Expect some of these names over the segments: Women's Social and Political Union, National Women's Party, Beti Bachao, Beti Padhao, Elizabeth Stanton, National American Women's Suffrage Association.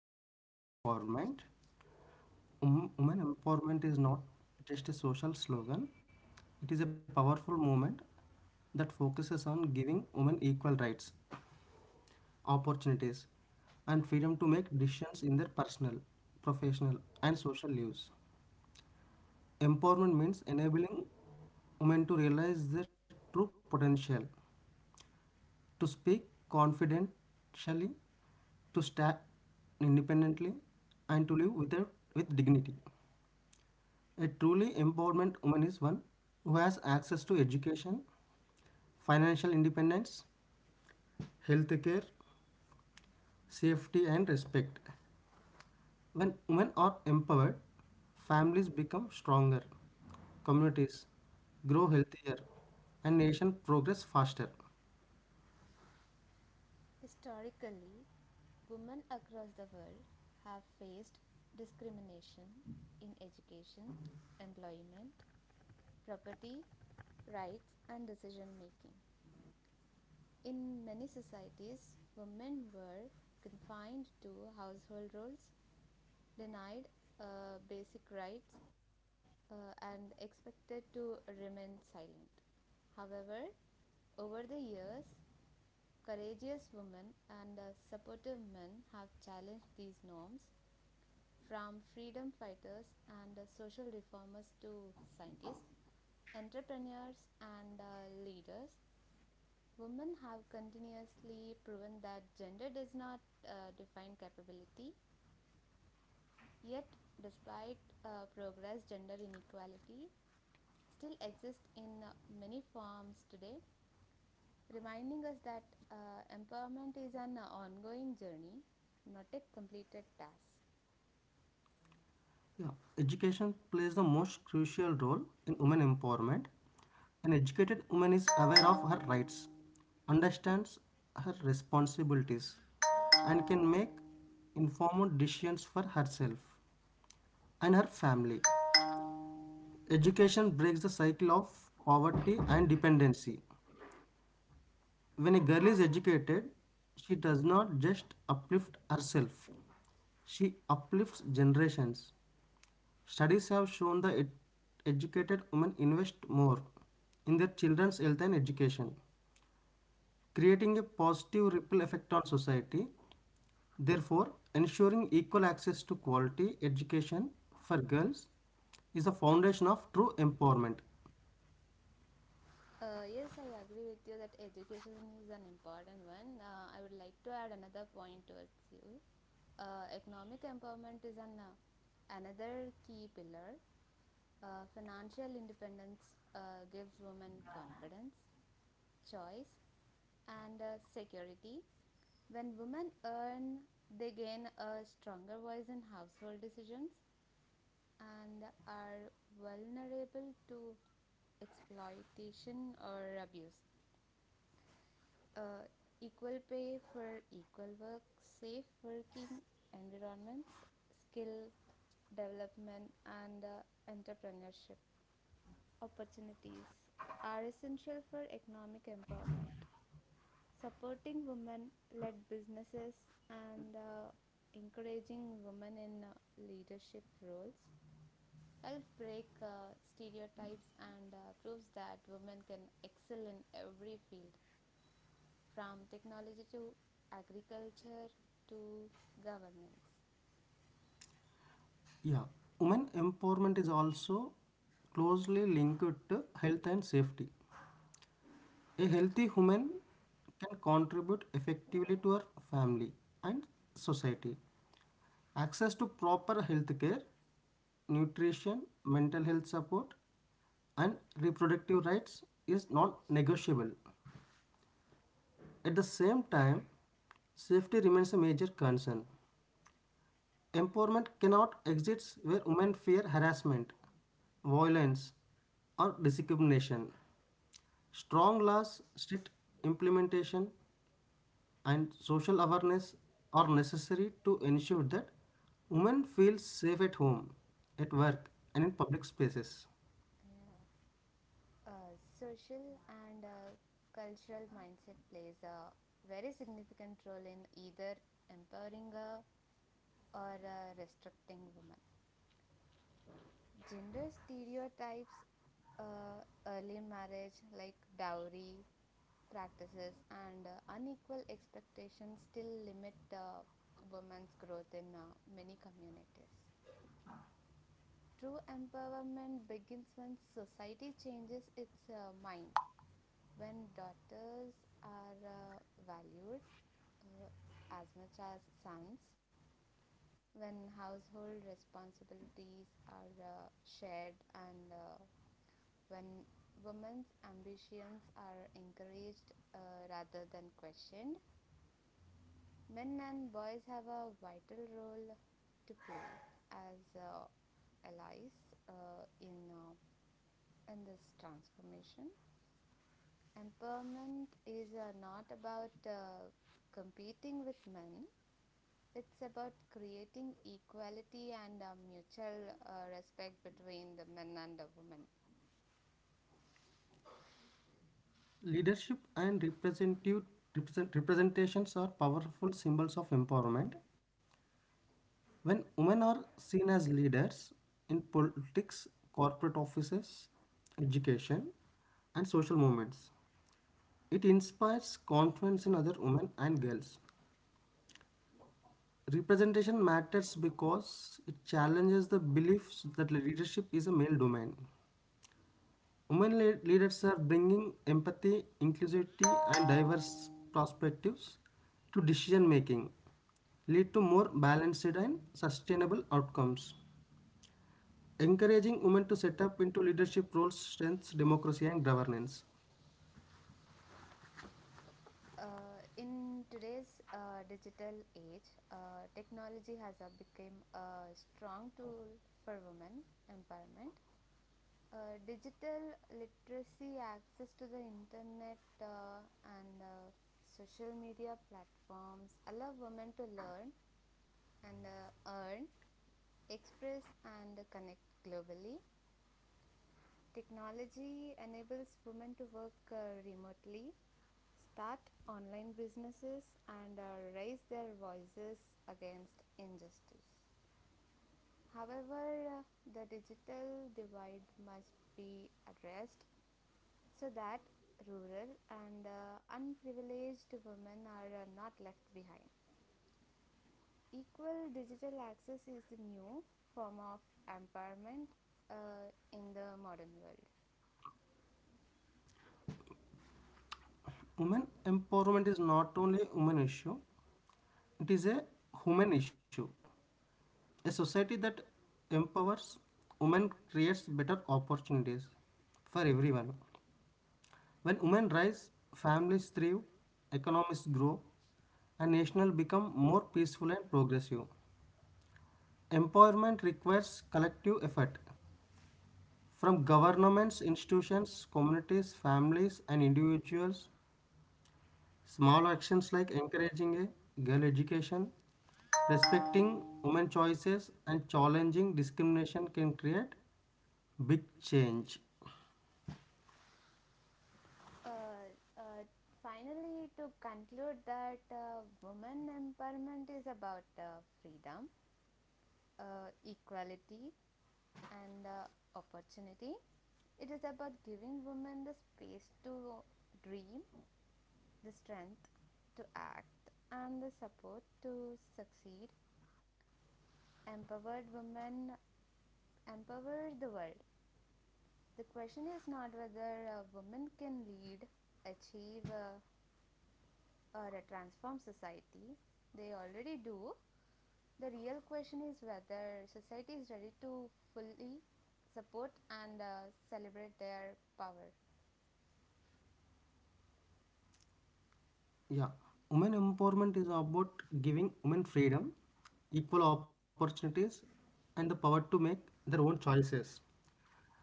about women empowerment. Women empowerment is not just a social slogan, it is a powerful movement that focuses on giving women equal rights, opportunities, and freedom to make decisions in their personal, professional, and social lives. Empowerment means enabling women to realize their true potential, to speak confidentially, to stand independently, and to live without, with dignity. A truly empowerment woman is one who has access to education, financial independence, healthcare, safety, and respect. When women are empowered, families become stronger, communities grow healthier, and nation progress faster. Historically, women across the world have faced discrimination in education, employment, property, rights, and decision making. In many societies, women were confined to household roles, denied basic rights, and expected to remain silent. However, over the years, courageous women and supportive men have challenged these norms, from freedom fighters and social reformers to scientists, entrepreneurs, and leaders. Women have continuously proven that gender does not define capability, yet, despite progress, gender inequality still exists in many forms today, reminding us that empowerment is an ongoing journey, not a completed task. Yeah, education plays the most crucial role in women empowerment. An educated woman is aware of her rights, understands her responsibilities, and can make informed decisions for herself and her family. Education breaks the cycle of poverty and dependency. When a girl is educated, she does not just uplift herself, she uplifts generations. Studies have shown that educated women invest more in their children's health and education, creating a positive ripple effect on society. Therefore, ensuring equal access to quality education for girls is the foundation of true empowerment. Yes, I agree with you that education is an important one. I would like to add another point towards you. Economic empowerment is an another key pillar. Financial independence gives women confidence, choice, and security. When women earn, they gain a stronger voice in household decisions and are vulnerable to exploitation or abuse. Uh, Equal pay for equal work, safe working environments, skill development, and entrepreneurship opportunities are essential for economic empowerment. Supporting women led businesses and encouraging women in leadership roles helps break stereotypes and proves that women can excel in every field, from technology to agriculture to governance. Yeah, women empowerment is also closely linked to health and safety. A healthy woman can contribute effectively to her family and society. Access to proper health care, nutrition, mental health support, and reproductive rights is not negotiable. At the same time, safety remains a major concern. Empowerment cannot exist where women fear harassment, violence, or discrimination. Strong laws, strict implementation, and social awareness are necessary to ensure that women feel safe at home, at work, and in public spaces. Yeah. Social and cultural mindset plays a very significant role in either empowering a or restricting women. Gender stereotypes, uh, early marriage like dowry practices, and unequal expectations still limit women's growth in many communities. True empowerment begins when society changes its mind, when daughters are valued uh, as much as sons, when household responsibilities are shared, and when women's ambitions are encouraged, rather than questioned. Men and boys have a vital role to play as allies in in this transformation. Empowerment is not about competing with men. It's about creating equality and mutual respect between the men and the women. Leadership and representations are powerful symbols of empowerment. When women are seen as leaders in politics, corporate offices, education, and social movements, it inspires confidence in other women and girls. Representation matters because it challenges the beliefs that leadership is a male domain. Women leaders are bringing empathy, inclusivity, and diverse perspectives to decision making, lead to more balanced and sustainable outcomes. Encouraging women to set up into leadership roles strengthens democracy and governance. In today's digital age, technology has become a strong tool for women empowerment. Digital literacy, access to the internet, and social media platforms allow women to learn and earn, express, and connect globally. Technology enables women to work remotely, start online businesses, and raise their voices against injustice. However, the digital divide must be addressed so that rural and unprivileged women are not left behind. Equal digital access is the new form of empowerment in the modern world. Women empowerment is not only a women issue; it is a human issue. A society that empowers women creates better opportunities for everyone. When women rise, families thrive, economies grow, and nations become more peaceful and progressive. Empowerment requires collective effort from governments, institutions, communities, families, and individuals. Small actions like encouraging a girl education, respecting women choices, and challenging discrimination can create big change. uh, uh, Finally, to conclude that women empowerment is about freedom, equality, and opportunity. It is about giving women the space to dream, the strength to act, and the support to succeed. Empowered women empower the world. The question is not whether women can lead, achieve, or a transformed society. They already do. The real question is whether society is ready to fully support and celebrate their power. Yeah. Women empowerment is about giving women freedom, equal opportunities, and the power to make their own choices,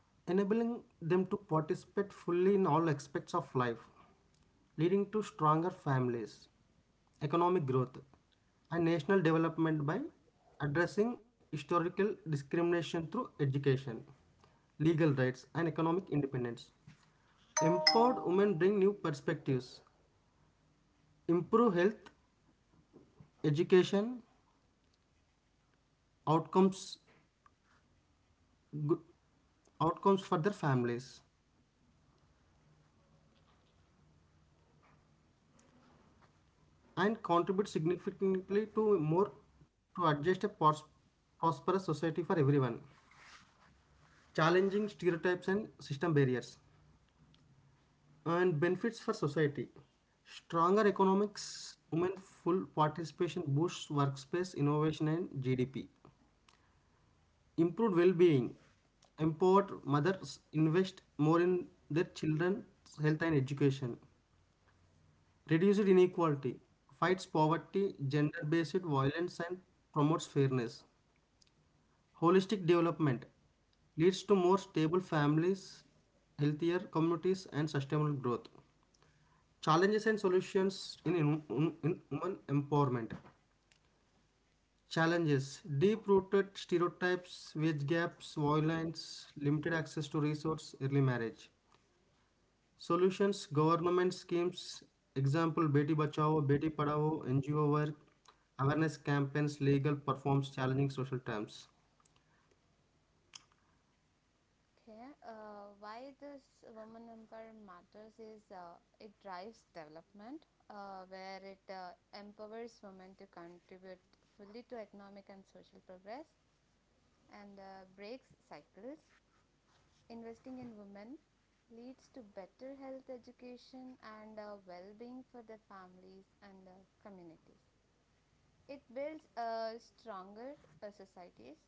enabling them to participate fully in all aspects of life, leading to stronger families, economic growth, and national development by addressing historical discrimination through education, legal rights, and economic independence. Empowered women bring new perspectives, improve health education outcomes good outcomes for their families and contribute significantly to more to adjust a prosperous society for everyone, challenging stereotypes and system barriers and benefits for society, stronger economics women full participation boosts workspace innovation and gdp, improved well-being, empowered mothers invest more in their children's health and education, reduces inequality, fights poverty, gender based violence, and promotes fairness. Holistic development leads to more stable families, healthier communities, and sustainable growth. Challenges and solutions in women empowerment. Challenges deep rooted stereotypes, wage gaps, violence, limited access to resource, early marriage. Solutions, government schemes, example Beti Bachao, Beti Padhao, NGO work, awareness campaigns, legal performs challenging social terms. Okay. Why this woman empire matters is it drives development, where it empowers women to contribute fully to economic and social progress and breaks cycles. Investing in women leads to better health education and well being for the families and the communities. It builds stronger societies,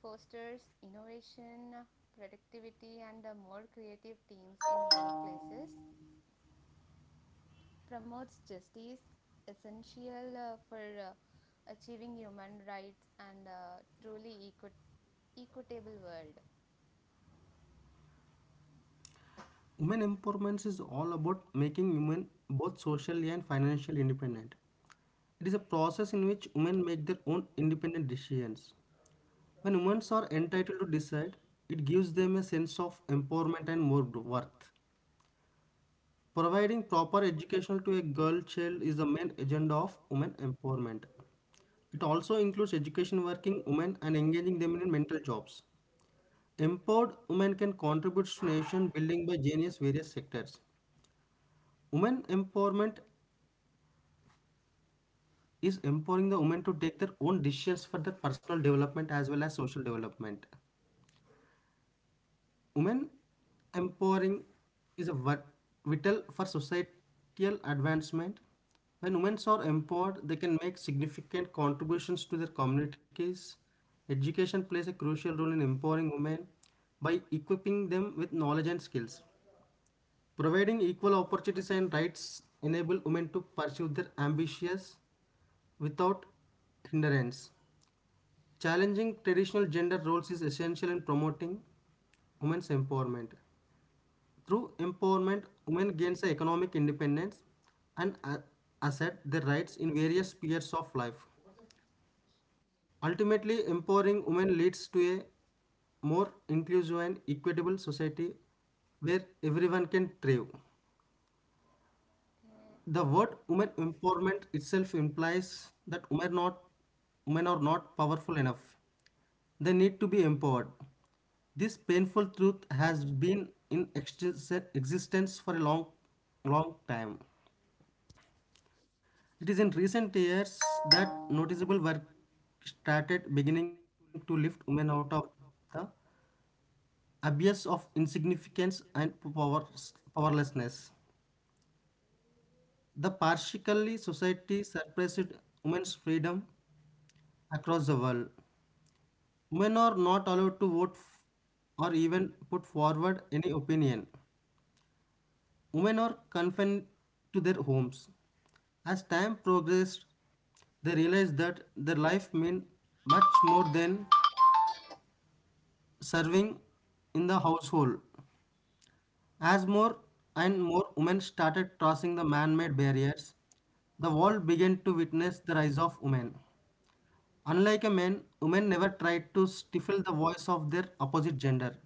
fosters innovation, productivity, and more creative teams in workplaces, promotes justice, essential for achieving human rights and truly equitable world. Women empowerment is all about making women both socially and financially independent. It is a process in which women make their own independent decisions. When women are entitled to decide, it gives them a sense of empowerment and more worth. Providing proper education to a girl child is the main agenda of women empowerment. It also includes education working women and engaging them in mental jobs. Empowered women can contribute to nation building by genius various sectors. Women empowerment is empowering the women to take their own decisions for their personal development as well as social development. Women empowering is a vital for societal advancement. When women are empowered, they can make significant contributions to their communities. Education plays a crucial role in empowering women by equipping them with knowledge and skills. Providing equal opportunities and rights enable women to pursue their ambitions without hindrance. Challenging traditional gender roles is essential in promoting women's empowerment. Through empowerment, women gains the economic independence and assert their rights in various spheres of life. Ultimately, empowering women leads to a more inclusive and equitable society where everyone can thrive. Okay. uh, The word women empowerment itself implies that women are not powerful enough. They need to be empowered. This painful truth has been in existence for a long, long time. It is in recent years that noticeable work started beginning to lift women out of the abyss of insignificance and power, powerlessness. The partially society suppressed women's freedom across the world. Women are not allowed to vote or even put forward any opinion. Women are confined to their homes. As time progressed, they realized that their life meant much more than serving in the household. As more and more women started crossing the man made barriers, the world began to witness the rise of women. Unlike a man, women never tried to stifle the voice of their opposite gender.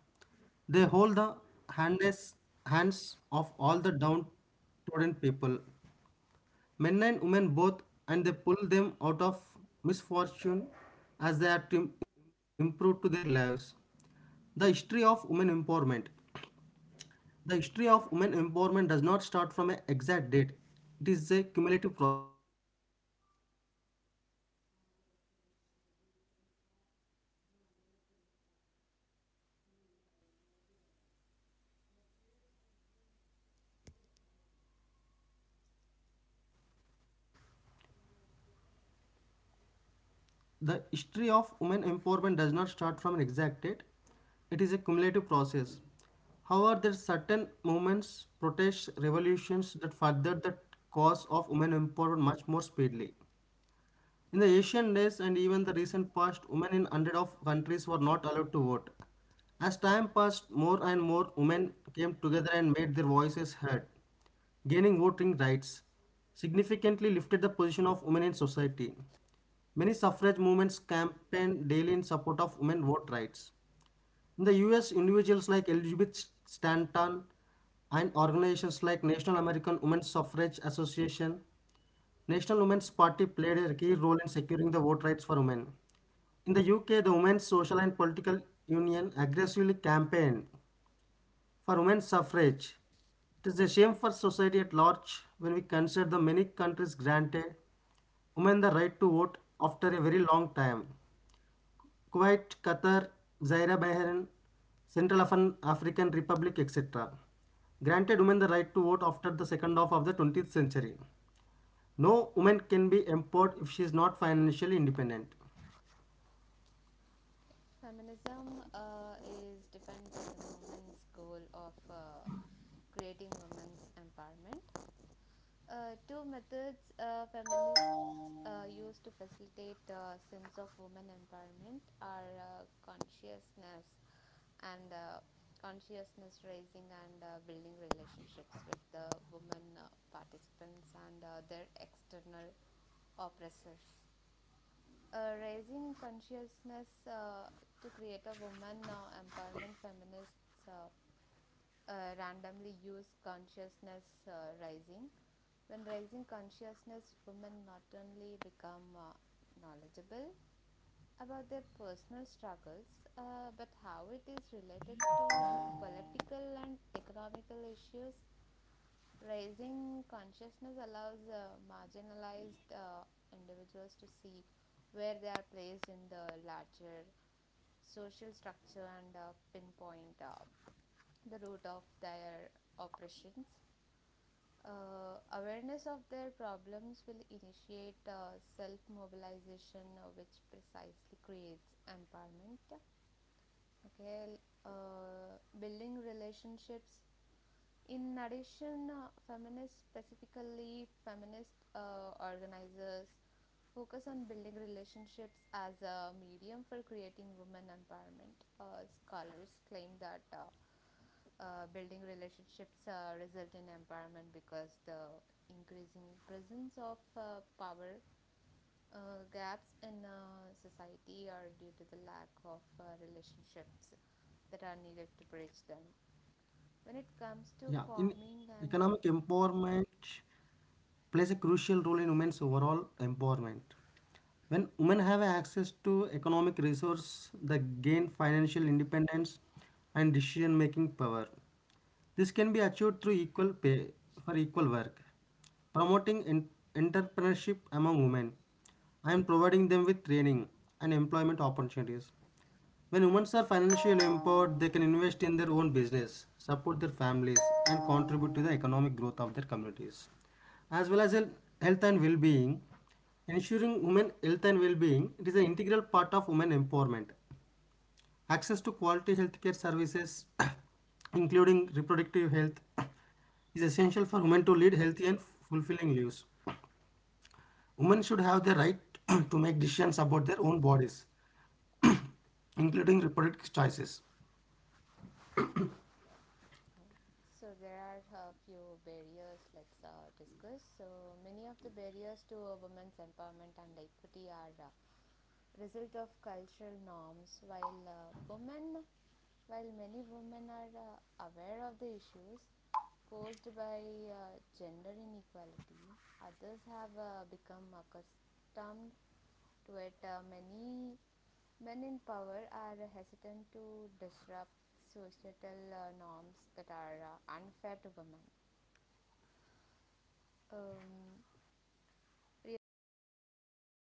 They hold the handes, hands of all the downtrodden people, men and women both, and they pull them out of misfortune as they are to improve to their lives. The history of women empowerment. The history of women empowerment does not start from an exact date. It is a cumulative process. The history of women empowerment does not start from an exact date. It is a cumulative process. However, there are certain movements, protests, revolutions that furthered the cause of women empowerment much more speedily. In the ancient days and even the recent past, women in hundreds of countries were not allowed to vote. As time passed, more and more women came together and made their voices heard, gaining voting rights, significantly lifted the position of women in society. Many suffrage movements campaigned daily in support of women vote rights. In the US, individuals like Elizabeth Stanton and organizations like National American Women's Suffrage Association National Women's Party played a key role in securing the vote rights for women. In the UK, the Women's Social and Political Union aggressively campaigned for women's suffrage. It is a shame for society at large when we consider the many countries granted women the right to vote after a very long time. Kuwait, Qatar, Zaire, Bahrain, Central African Republic, etc. granted women the right to vote after the second half of the 20th century. No woman can be empowered if she is not financially independent. Feminism is defined by the movement's goal of creating women's empowerment. Two methods feminists use to facilitate sense of women empowerment are consciousness and consciousness raising and building relationships with the women participants and their external oppressors. Raising consciousness, to create a woman empowerment feminists randomly use consciousness rising. When raising consciousness, women not only become knowledgeable about their personal struggles but how it is related to political and economical issues. Raising consciousness allows marginalized individuals to see where they are placed in the larger social structure and pinpoint the root of their oppressions. Awareness of their problems will initiate self mobilization, which precisely creates empowerment. Okay. Building relationships. In addition, feminists, specifically feminist organizers, focus on building relationships as a medium for creating women empowerment. Scholars claim that building relationships result in empowerment because the increasing presence of power gaps in society are due to the lack of relationships that are needed to bridge them when it comes to Yeah, in farming and economic empowerment plays a crucial role in women's overall empowerment. When women have access to economic resource, they gain financial independence and decision-making power. This can be achieved through equal pay for equal work, promoting entrepreneurship among women, and providing them with training and employment opportunities. When women are financially empowered, they can invest in their own business, support their families, and contribute to the economic growth of their communities, as well as health and well-being. Ensuring women health and well-being it is an integral part of women empowerment. Access to quality healthcare services, including reproductive health, is essential for women to lead healthy and fulfilling lives. Women should have the right to make decisions about their own bodies, including reproductive choices. so there are a few barriers. Let's discuss. So many of the barriers to a women's empowerment and equity are result of cultural norms. While while many women are aware of the issues posed by gender inequality, others have become accustomed to it. Many men in power are hesitant to disrupt societal norms that are unfair to women. Um, Realizing